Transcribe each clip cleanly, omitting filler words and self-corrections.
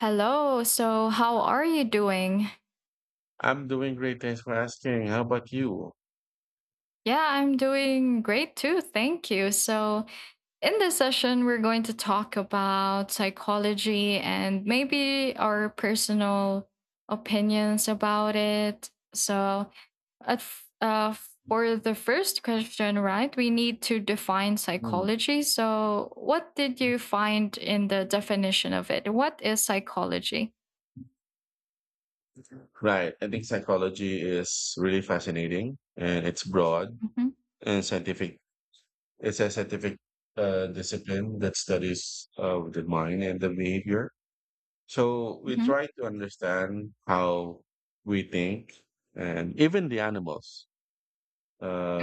Hello. So, how are you doing? I'm doing great. Thanks for asking. How about you? Yeah, I'm doing great too. Thank you. So, in this session, we're going to talk about psychology and maybe our personal opinions about it. So, at, f- uh, for the first question, right, we need to define Hmm. psychology. So, what did you find in the definition of it? What is psychology? Right. I think psychology is really fascinating and it's broad Mm-hmm. and scientific. It's a scientific discipline that studies the mind and the behavior. So we Mm-hmm. try to understand how we think and even the animals,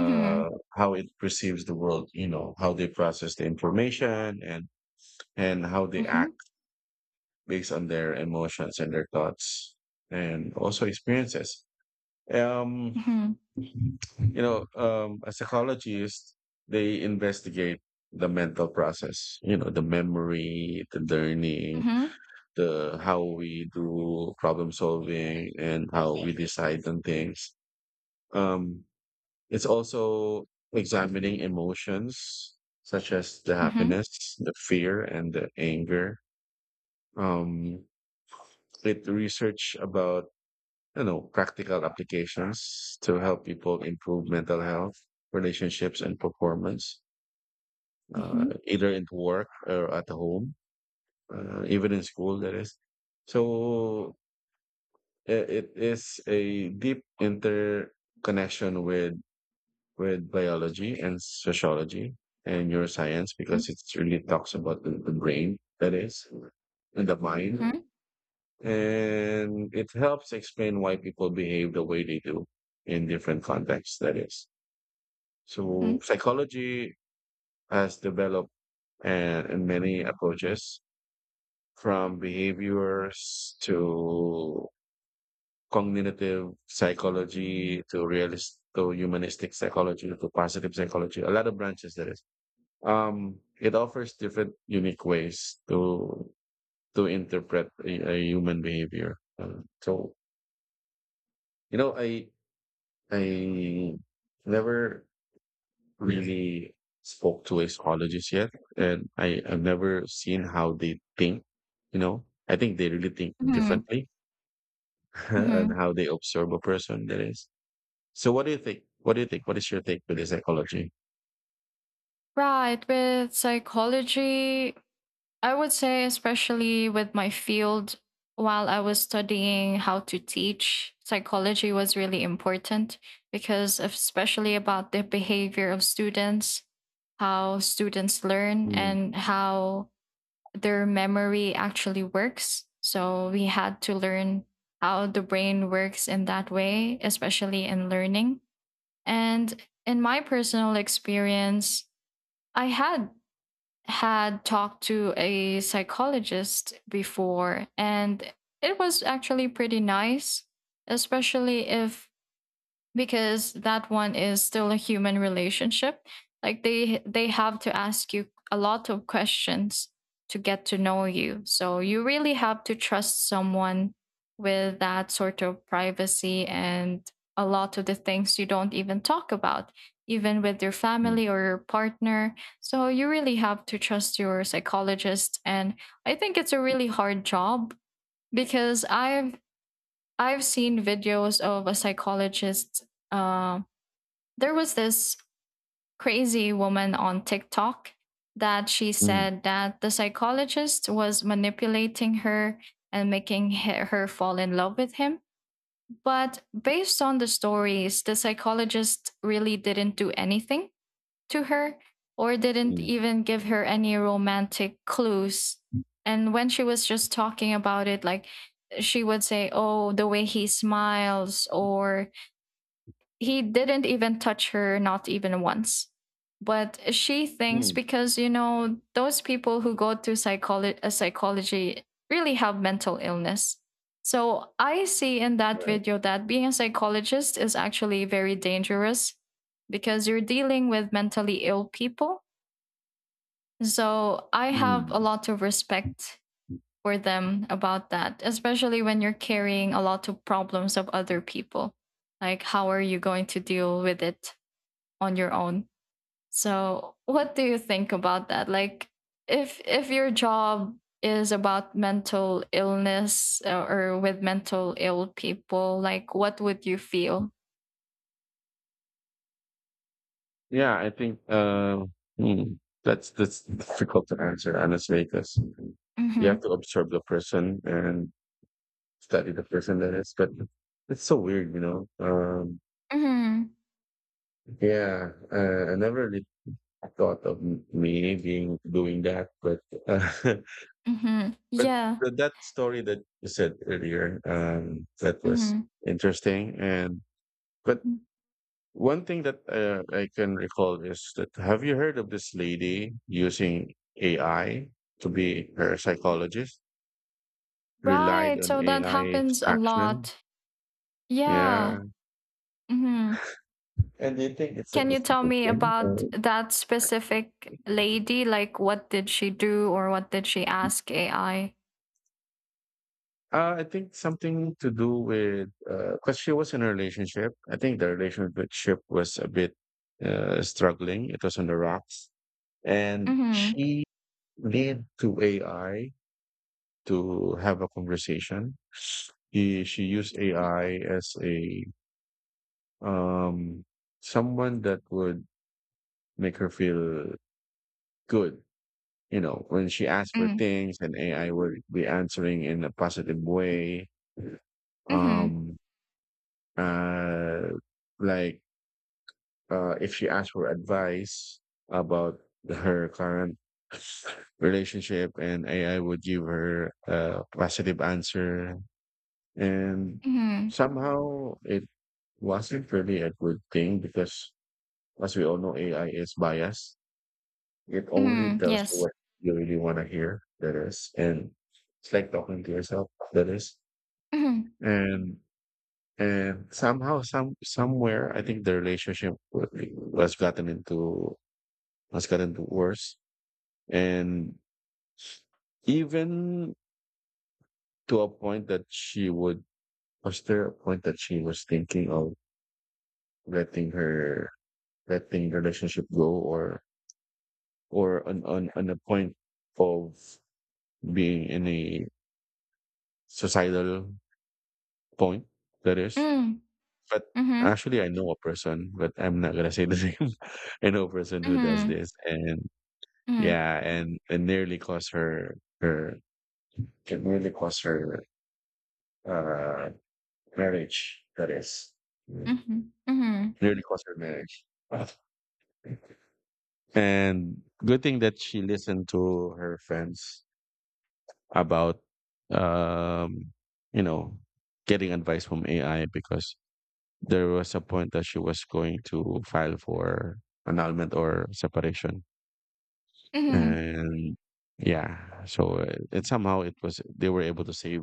Mm-hmm. how it perceives the world, you know, how they process the information and how they Mm-hmm. act, based on their emotions and their thoughts and also experiences. Um, Mm-hmm. A psychologist, they investigate the mental process, you know, the memory, the learning, Mm-hmm. the how we do problem solving and how we decide on things. Um, it's also examining emotions such as the Mhm. happiness, the fear, and the anger. Um, it research about, you know, practical applications to help people improve mental health, relationships, and performance, Mhm. either in work or at home, even in school, that is. So it is a deep interconnection with biology and sociology and neuroscience Mm. because it really talks about the brain, that is, and the mind. Mhm. And it helps explain why people behave the way they do in different contexts, that is. Mhm. So psychology has developed and many approaches, from behaviors to cognitive psychology to realist to humanistic psychology to positive psychology, a lot of branches, that is. It offers different unique ways to interpret a human behavior. So you know i I never really spoke to a psychologist yet, and I have never seen how they think. You know, I think they really think Mhm. differently and Mhm. how they observe a person. That is. So, what do you think? What do you think? What is your take with the psychology? Right, with psychology, I would say, especially with my field, while I was studying how to teach, psychology was really important because, especially about the behavior of students, how students learn, Mm, and how their memory actually works. So, we had to learn how the brain works in that way, especially in learning. And in my personal experience, I had talked to a psychologist before, and it was actually pretty nice, especially if, because that one is still a human relationship. Like, they have to ask you a lot of questions to get to know you, so you really have to trust someone with that sort of privacy and a lot of the things you don't even talk about even with your mm, family or your partner. So you really have to trust your psychologist. And I think it's a really hard job because I've seen videos of a psychologist. uh, there was this crazy woman on TikTok that she mm, said that the psychologist was manipulating her and making her fall in love with him. But based on the stories, the psychologist really didn't do anything to her or didn't mm, even give her any romantic clues. And when she was just talking about it, like, she would say, "Oh, the way he smiles," or he didn't even touch her, not even once. But she thinks, mm, because you know those people who go to psychology really have mental illness. So I see in that right, video that being a psychologist is actually very dangerous because you're dealing with mentally ill people. So I have a mm. lot of respect for them about that, especially when you're carrying a lot of problems of other people. Like, how are you going to deal with it on your own? So, what do you think about that? Like, if your job is about mental illness, or with mental ill people, like, what would you feel? Yeah, I think that's difficult to answer honestly because you have Mhm. to observe the person and study the person, that is, but it's so weird, you know. Mhm. Yeah, I never really thought of me being doing that, but uh, Mhm. but Yeah. That story that you said earlier, that was Mhm. interesting. And but Mhm. one thing that I can recall is that, have you heard of this lady using AI to be her psychologist? Relied Right. on So that AI 's happens a action. lot. Yeah. Yeah. Mhm. And do you think Can you it's a tell good me thing? about Or that specific lady? Like, what did she do or what did she ask AI? I think something to do with, because she was in a relationship. I think the relationship was a bit struggling. It was on the rocks, and Mm-hmm. she leaned to AI to have a conversation. He, she used AI as a um, someone that would make her feel good. You know, when she asked for Mm-hmm. things, and AI would be answering in a positive way. Mm-hmm. Um, uh, like, if she asks for advice about her current relationship and AI would give her a positive answer. And Mhm. somehow it wasn't really a good thing because, as we all know, AI is biased. It only Mhm. tells you Yes. what you really want to hear. That is. And it's like talking to yourself. That is. Mhm. and and somehow, somewhere, I think the relationship was gotten into has gotten worse. And even to a point that was there a point that she was thinking of letting her, letting relationship go, or, on a point of being in a societal point, that is. Mm. But Mhm. actually, I know a person, but I'm not going to say the name. I know a person who does Mhm. this. And Mhm. yeah, and nearly cost her, it nearly cost her, uh, marriage, that is. Mhm. Mhm. Nearly caused her marriage. And good thing that she listened to her friends about, um, you know, getting advice from AI, because there was a point that she was going to file for annulment or separation. Mhm. And yeah, so it somehow it was, they were able to save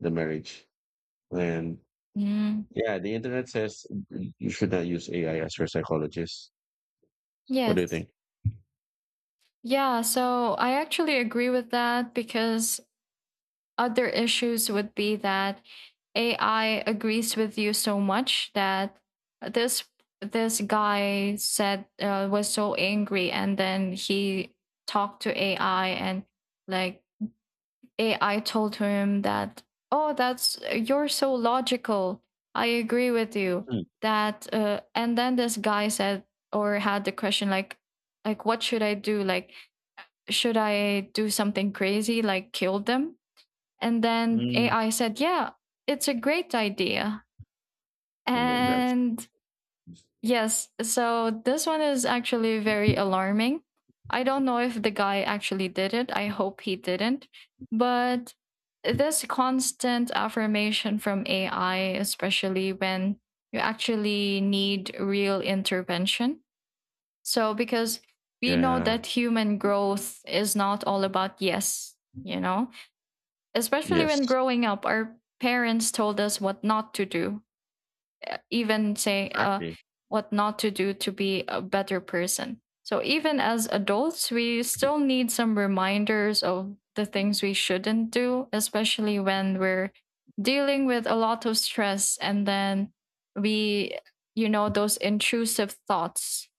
the marriage. And Mm. yeah, the internet says you should not use AI as your psychologist. What do you Yes. think? Yeah, so I actually agree with that because other issues would be that AI agrees with you so much that this this guy said, was so angry, and then he talked to AI, and like, AI told him that, "Oh, that's, you're so logical. I agree with you." Mm, That and then this guy said, or had the question like, what should I do? Like, should I do something crazy like kill them? And then mm. AI said, "Yeah, it's a great idea." Oh my gosh. And yes, so this one is actually very alarming. I don't know if the guy actually did it. I hope he didn't. But this constant affirmation from AI, especially when you actually need real intervention. So, because we know Yeah. that human growth is not all about yes, you know, especially when Yes. growing up, our parents told us what not to do, even say, Exactly. what not to do to be a better person. So even as adults, we still need some reminders of the things we shouldn't do, especially when we're dealing with a lot of stress. And then we, those intrusive thoughts.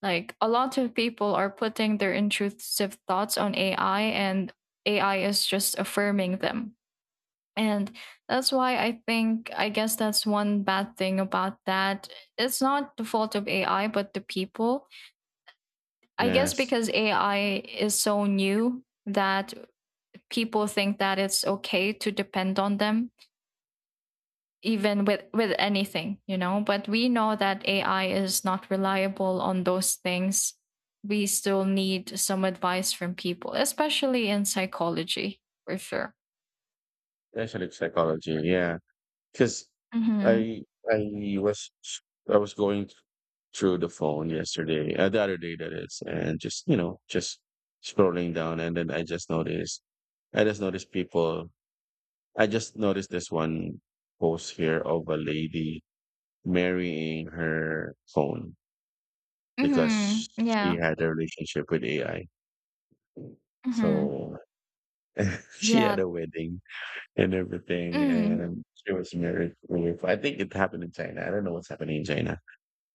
Like, a lot of people are putting their intrusive thoughts on AI, and AI is just affirming them. And that's why I think, I guess that's one bad thing about that. It's not the fault of AI, but the people. I guess Yes. because AI is so new that people think that it's okay to depend on them, even with anything. But we know that AI is not reliable on those things. We still need some advice from people, especially in psychology, for sure. Actually, psychology. Yeah. Because Mm-hmm. I I was I was going through the phone yesterday, the other day, that is, and just, you know, just scrolling down, and then I just noticed people. I just noticed this one post here of a lady marrying her phone because Mm-hmm. she Yeah. had a relationship with AI. Mm-hmm. So, she had Yeah. a wedding and everything, Mm. and she was married with, I think it happened in China. I don't know what's happening in China.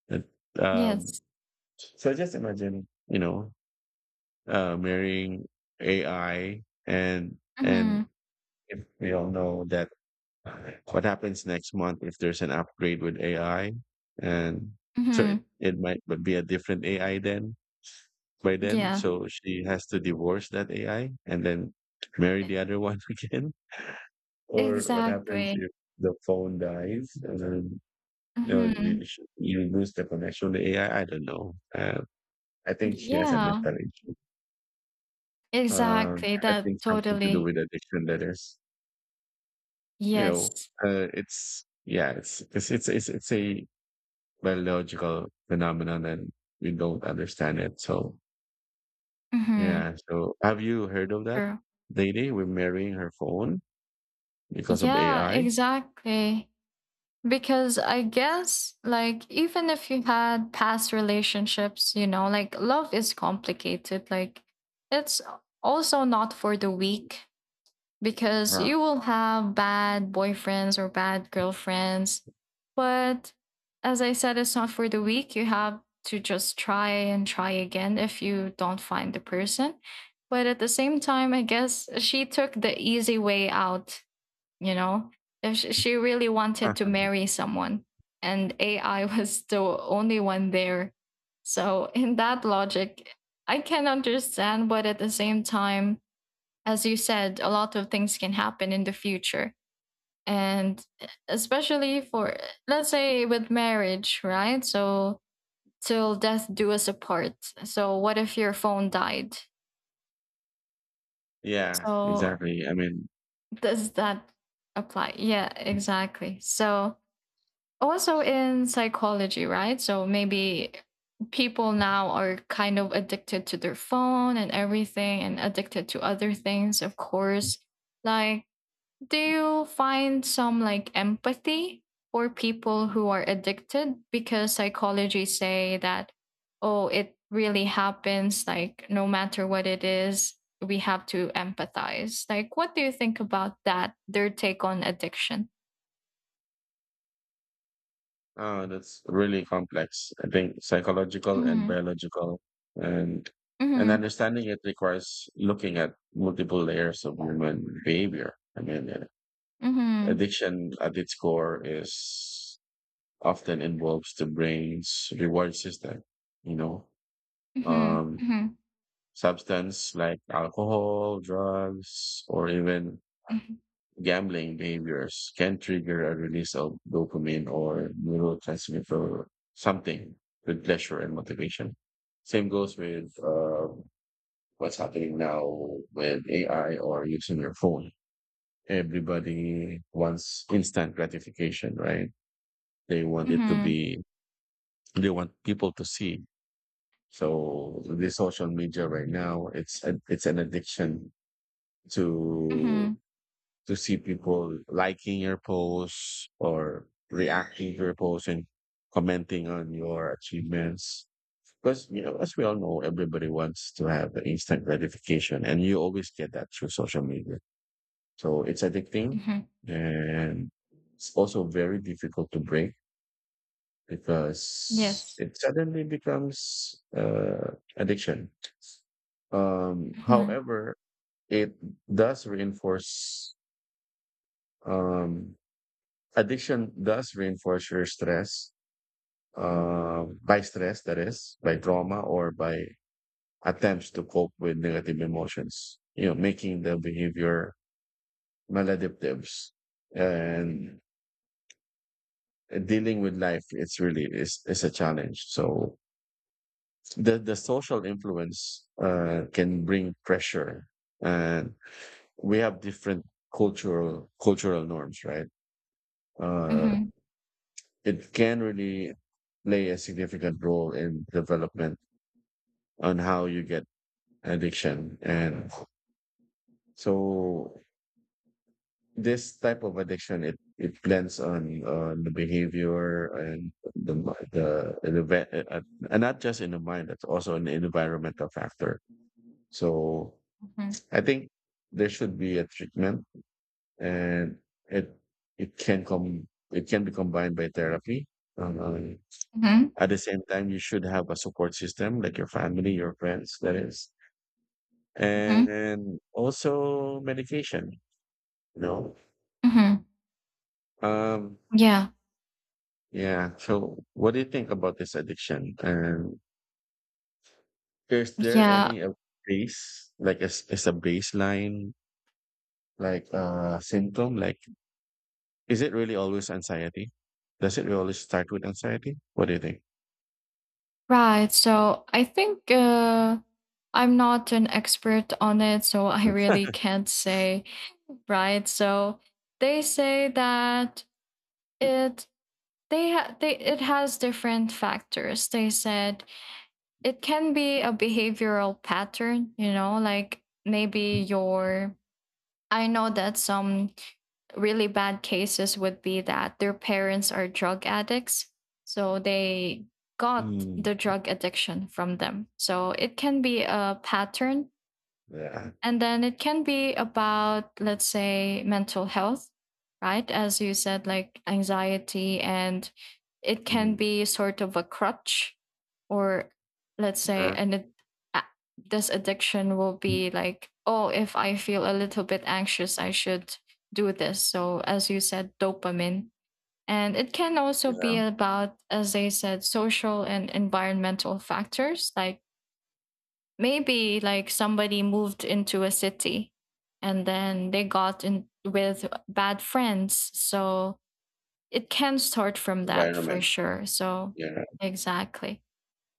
But, um, Yes. so just imagine, you know, marrying AI, and Mhm. if we all know that, what happens next month if there's an upgrade with AI, and so Mhm. it might but be a different AI then by then. Yeah, So she has to divorce that AI and then marry the other one again. Or what happens exactly. if the phone dies and then, you know, Mhm. You lose the connection to AI? I don't know. I think she has a Yeah, mental issue. Uh, exactly. I That, think something to do totally. with addiction, that is. You Yes. know, it's yeah, it's a biological phenomenon and we don't understand it. So Mhm. yeah. So have you heard of that True. lady? We're marrying her phone because of Yeah, AI. exactly. Because I guess, like, even if you had past relationships, like, love is complicated. Like, it's also not for the weak because Huh. you will have bad boyfriends or bad girlfriends. But, as I said, it's not for the weak. You have to just try and try again if you don't find the person. But at the same time, I guess she took the easy way out, you know? If she really wanted to marry someone, and AI was the only one there. So, in that logic, I can understand, but at the same time, as you said, a lot of things can happen in the future. And especially for, let's say, with marriage, right? So, till death do us apart. So, what if your phone died? Yeah, So, exactly. I mean, does that apply? Yeah, exactly. So, also in psychology, right? So, maybe people now are kind of addicted to their phone and everything, and addicted to other things, of course. Like, do you find some, like, empathy for people who are addicted? Because psychology say that, oh, it really happens, like, no matter what it is, we have to empathize. Like, what do you think about that? Their take on addiction? ah, that's really complex. I think psychological and Mm-hmm. biological and and Mm-hmm. understanding it requires looking at multiple layers of human behavior. I mean, Mm-hmm. addiction at its core is often involves the brain's reward system, you know, Mm-hmm. um, Mm-hmm. substance like alcohol, drugs, or even gambling behaviors can trigger a release of dopamine or neurotransmitter, something with pleasure and motivation. Same goes with what's happening now with AI or using your phone. Everybody wants instant gratification, right? They want it to Mm-hmm. be, they want people to see. So the social media right now, it's an addiction to Mm-hmm. to see people liking your posts or reacting to your posts and commenting on your achievements. Because, you know, as we all know, everybody wants to have the instant gratification and you always get that through social media. So it's addicting Mm-hmm. and it's also very difficult to break because Yes. it suddenly becomes addiction. Mm-hmm. However, it does reinforce um, addiction does reinforce your stress, that is, by trauma or by attempts to cope with negative emotions, you know, making the behavior maladaptive and dealing with life. It's really, is a challenge. So the social influence, can bring pressure, and we have different cultural norms, right? Uh, Mm-hmm. it can really play a significant role in development, on how you get addiction. And so this type of addiction, it blends on the behavior and the mi- the and, the, ve- and not just in the mind. That's also an environmental factor. So Mm-hmm. I think there should be a treatment, and it it can come it can be combined by therapy. um, Mm-hmm. at the same time, you should have a support system, like your family, your friends, that is, and also medication, you know. Mm-hmm. um Yeah. yeah. So what do you think about this addiction? And is there Yeah. any a base, like, as a baseline, like, symptom, like, is it really always anxiety? Does it always start with anxiety? What do you think? Right. So I think, I'm not an expert on it, so I really can't say. Right. So they say that it it has different factors. They said it can be a behavioral pattern. Like, maybe your, I know that some really bad cases would be that their parents are drug addicts. So they got the Mm, drug addiction from them. So it can be a pattern. yeah, And then it can be about, let's say, mental health, right? As you said, like, anxiety. And it can mm, be sort of a crutch, or let's say, yeah, and a- this addiction will be like, oh, if I feel a little bit anxious, I should do this. So, as you said, dopamine. And it can also be yeah, about, as they said, social and environmental factors, like, maybe, like, somebody moved into a city, and then they got in with bad friends, so it can start from that for environment, sure. So yeah. exactly.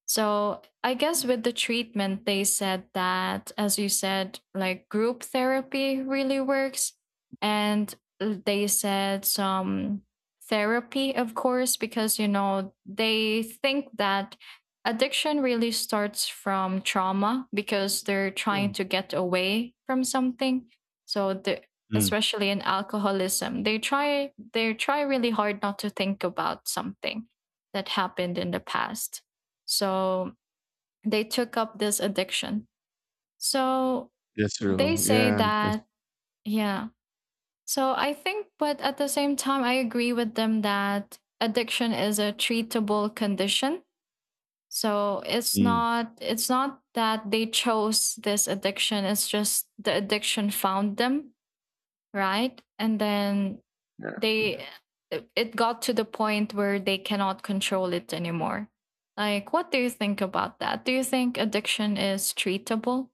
So I guess with the treatment, they said that, as you said, like, group therapy really works. And they said some therapy, of course, because, they think that addiction really starts from trauma because they're trying to get away from something. So, the Mm. especially in alcoholism, they try really hard not to think about something that happened in the past, so they took up this addiction. So That's they true, say yeah, that's- that, yeah. So I think, but at the same time, I agree with them that addiction is a treatable condition. So it's mm. not it's not that they chose this addiction, it's just the addiction found them, right? And then they it got to the point where they cannot control it anymore. Like, what do you think about that? Do you think addiction is treatable?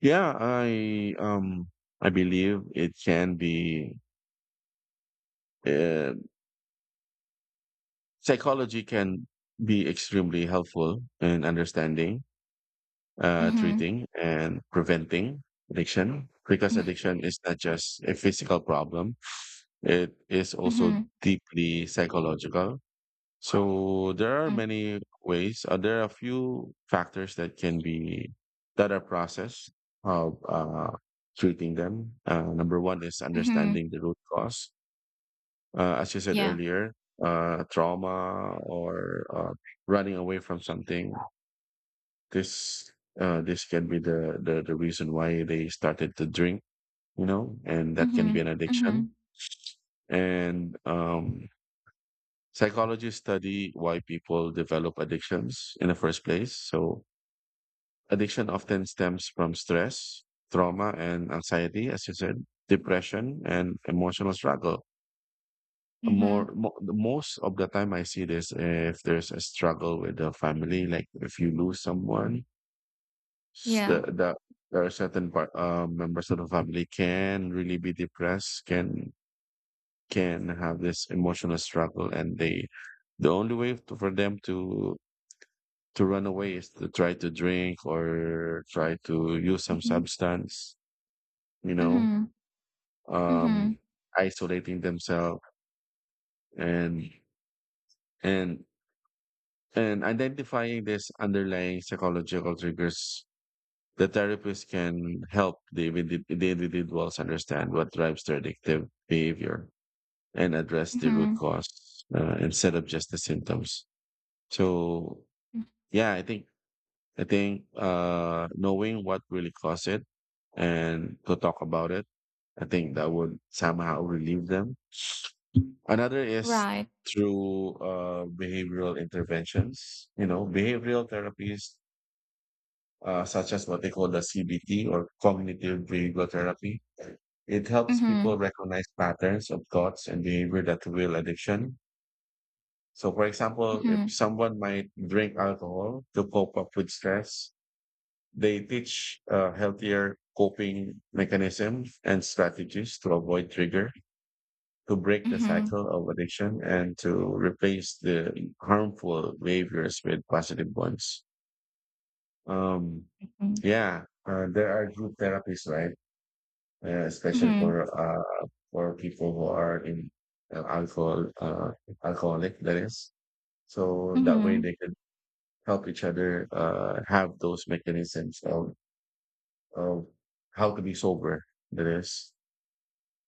Yeah, I believe it can be. uh, Psychology can be extremely helpful in understanding, Mm-hmm. treating, and preventing addiction, because addiction is not just a physical problem; it is also Mm-hmm. deeply psychological. So there are many ways. There are a few factors that can be that are processed of, treating them. Number one is Mm-hmm. understanding the root cause. As you said Yeah. earlier, trauma or running away from something. This this can be the reason why they started to drink. You know, and that can Mm-hmm. be an Mm-hmm. addiction. And Psychologists study why people develop addictions in the first place. So, addiction often stems from stress, trauma, and anxiety, as you said, depression, and emotional struggle. Mm-hmm. Most of the time, I see this if there's a struggle with the family, like if you lose someone, s- the, Yeah. the there are certain members of the family can really be depressed, can have this emotional struggle, and the only way for them to run away is to try to drink or try to use some Mm-hmm. substance you know Mm-hmm. um Mm-hmm. isolating themselves and and and identifying these underlying psychological triggers. The therapist can help the individuals understand what drives their addictive behavior and address the root Mm-hmm. cause instead of just the symptoms. so Mm-hmm. yeah i think I think knowing what really caused it and to talk about it, I think that would somehow relieve them. Another is Right. through behavioral interventions, you know, behavioral therapies, such as what they call the CBT, or cognitive behavioral therapy. It helps people Mm-hmm. recognize patterns of thoughts and behavior that reveal addiction. So, for example, if Mm-hmm. someone might drink alcohol to cope up with stress, they teach healthier coping mechanisms and strategies to avoid trigger, to break the Mm-hmm. cycle of addiction, and to replace the harmful behaviors with positive ones. Um, yeah, there are group therapies, right? Especially Mm-hmm. For people who are in uh, alcohol uh, alcoholic, that is. So that way Mm-hmm. they can help each other have those mechanisms of how to be sober, that is.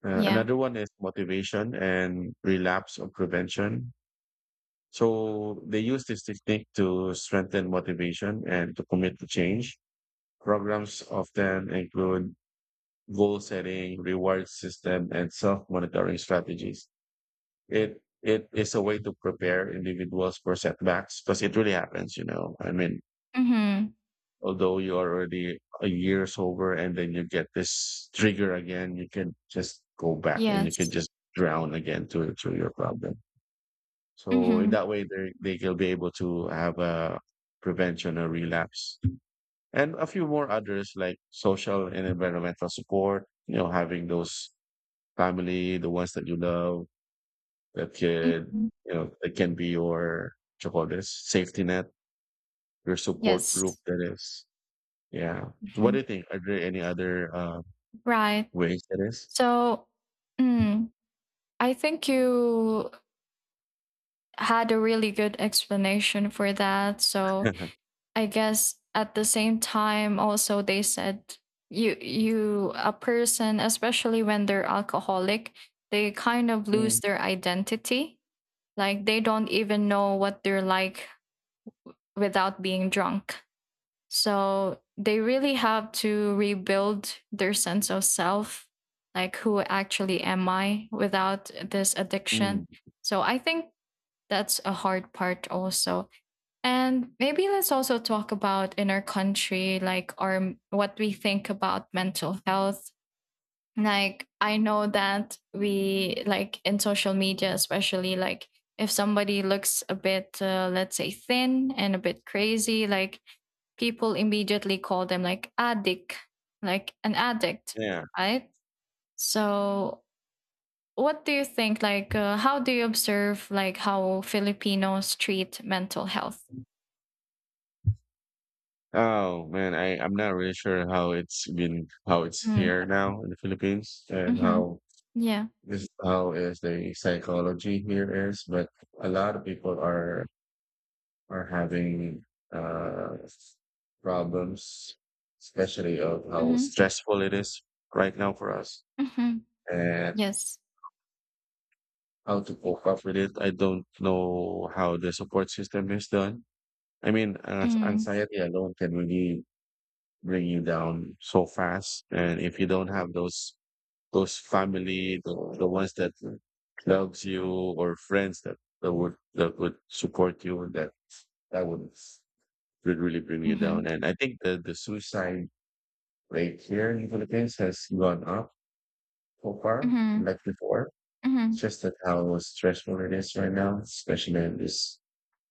Yeah. Another one is motivation and relapse or prevention. So they use this technique to strengthen motivation and to commit to change. Programs often include goal setting, reward system, and self-monitoring strategies. It is a way to prepare individuals for setbacks because it really happens, you know. I mean, Mm-hmm. although you're already a year sober and then you get this trigger again, you can just go back and you can Yes. just drown again to your problem. So in Mm-hmm. that way, they will be able to have a prevention or relapse, and a few more others like social and environmental support, you know, having those family, the ones that you love, that can, Mm-hmm. you know, that can be your, what you call this, safety net, your support group Yes. that is. Yeah. So what Mhm. do you think? Are there any other Right. ways that is? So, mm, I think you had a really good explanation for that. So, I guess at the same time, also they said, you, a person, especially when they're alcoholic, they kind of lose Mm, their identity. Like, they don't even know what they're like without being drunk. So they really have to rebuild their sense of self, like, who actually am I without this addiction? mm, So I think that's a hard part also. And maybe let's also talk about in our country, like, our what we think about mental health. Like, I know that we, like, in social media, especially, like, if somebody looks a bit, let's say, thin and a bit crazy, like, people immediately call them, like an addict, yeah. right? So, what do you think? Like, how do you observe, like, how Filipinos treat mental health? Oh man, I'm not really sure how it's been how it's Mm. here now in the Philippines and Mm-hmm. how Yeah. this how is the psychology here is, but a lot of people are having uh problems, especially of how Mm-hmm. stressful it is right now for us. Mm-hmm. And Yes. how to cope up with it. I don't know how the support system is done. I mean, as Mm. anxiety alone can really bring you down so fast. And if you don't have those family, the ones that loves you or friends that, that would support you, that would really bring you Mm-hmm. down. And I think that the suicide rate here in the Philippines has gone up so far, Mm-hmm. like before. It's Mm-hmm. just that how stressful it is right now, especially in this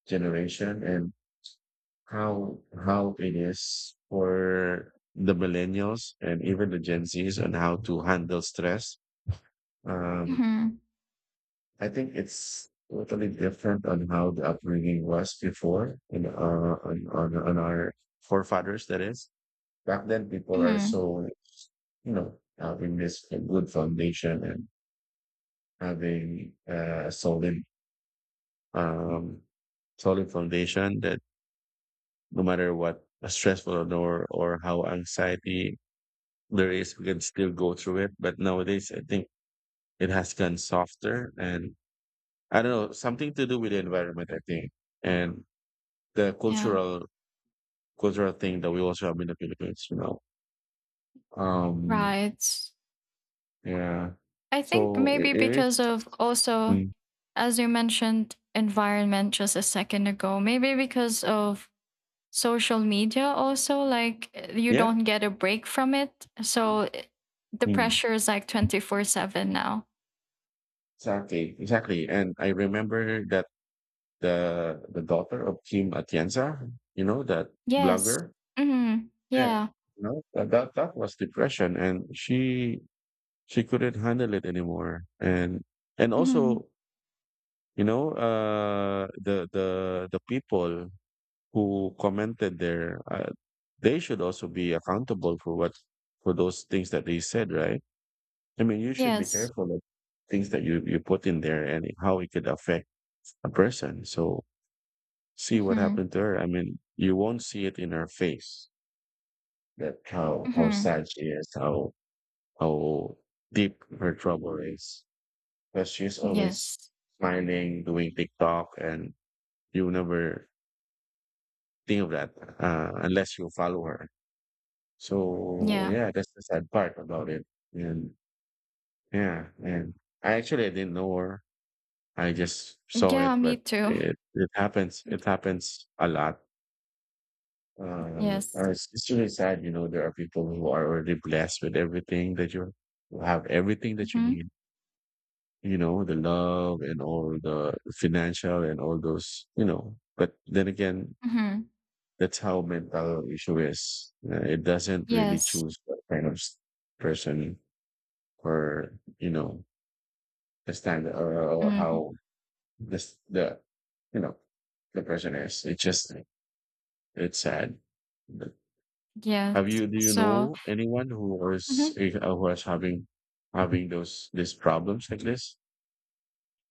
generation, and how how it is for the millennials and even the Gen Zs on how to handle stress. Um, Mm-hmm. I think it's totally different on how the upbringing was before in on our forefathers. That is, back then people are Mm-hmm. so, you know, having this good foundation and having a solid um solid foundation that no matter what stressful or how anxiety there is, we can still go through it. But nowadays, I think it has gone softer, and I don't know, something to do with the environment, I think, and the Yeah. Cultural thing that we also have in the Philippines. You know, um, Right. yeah. I think So maybe it because of, is, also, mm, as you mentioned, environment just a second ago, maybe because of social media also, like, you yeah, don't get a break from it. The mm, pressure is like 24/7 now. exactly, exactly. And I remember that the daughter of Kim Atienza, you know, that Yes. blogger. Mm-hmm. Yeah, Yeah. you know, that that was depression, and she couldn't handle it anymore, and Mm-hmm. also, you know, the people who commented there, they should also be accountable for what, for those things that they said, right? I mean, you should be Yes. careful of things that you put in there and how it could affect a person. So see what Mm-hmm. happened to her. I mean, you won't see it in her face that how Mm-hmm. sad she is, how deep her trouble is because she's always Yes. smiling, doing TikTok, and you never think of that, unless you follow her. So Yeah, yeah, that's the sad part about it. And yeah, and I actually I didn't know her. I just saw yeah, it, me but too. It happens. It happens a lot. Yes. It's really sad, you know. There are people who are already blessed with everything that you have, everything that you Mm-hmm. need, you know, the love and all the financial and all those, you know. But then again, Mm-hmm. that's how mental issue is. It doesn't really Yes. choose what kind of person or, you know, the standard or Mm-hmm. how this, the, you know, the person is. It's sad. But Yes. have you, do you So, know anyone who is, mhm. eh, who is having, having those, these problems like this?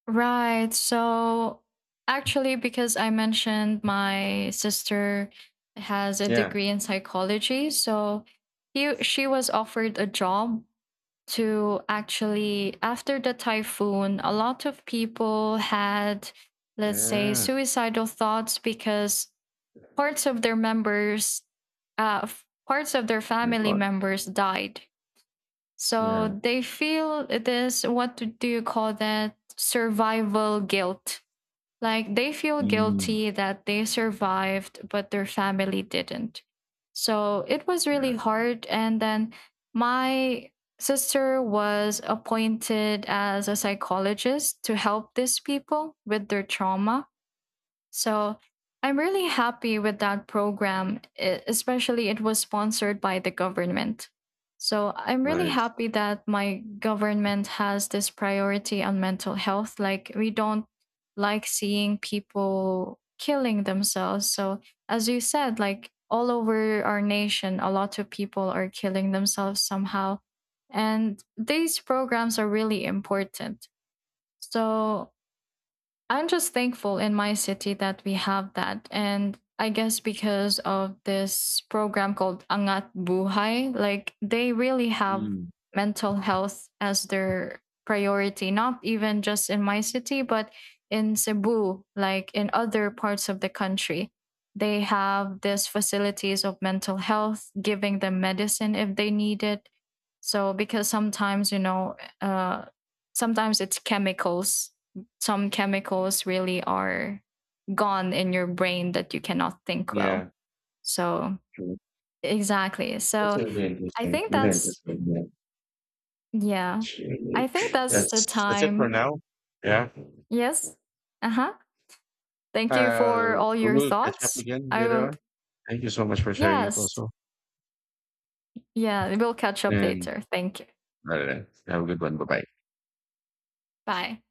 Right. So actually, because I mentioned my sister has a Yeah. degree in psychology, so she was offered a job to, actually, after the typhoon, a lot of people had, let's say, Yeah. suicidal thoughts because parts of their members, parts of their My family God. members died. So Yeah. they feel this, what do you call that? Survival guilt, like, they feel Mm. guilty that they survived, but their family didn't. So it was really Yeah, hard. And then my sister was appointed as a psychologist to help these people with their trauma, so I'm really happy with that program, especially it was sponsored by the government. So I'm really nice. happy that my government has this priority on mental health. Like, we don't like seeing people killing themselves. So, as you said, like, all over our nation, a lot of people are killing themselves somehow. And these programs are really important. So I'm just thankful in my city that we have that. And I guess, because of this program called Angat Buhay, like, they really have Mm, mental health as their priority, not even just in my city, but in Cebu, like, in other parts of the country. They have these facilities of mental health, giving them medicine if they need it. So, because sometimes, sometimes it's chemicals some chemicals really are gone in your brain that you cannot think well. yeah, So, true. exactly. That's So, really I interesting. think Really that's, interesting. Yeah. yeah, I Surely. think that's the That's it for time. now. Yeah. Yes. Uh huh. Thank you for Uh, all your we'll catch up thoughts. again I later will, on. Thank you so much for sharing it yes. also. Yeah, we'll catch up And later. Thank you. I have a good one. Bye bye. Bye.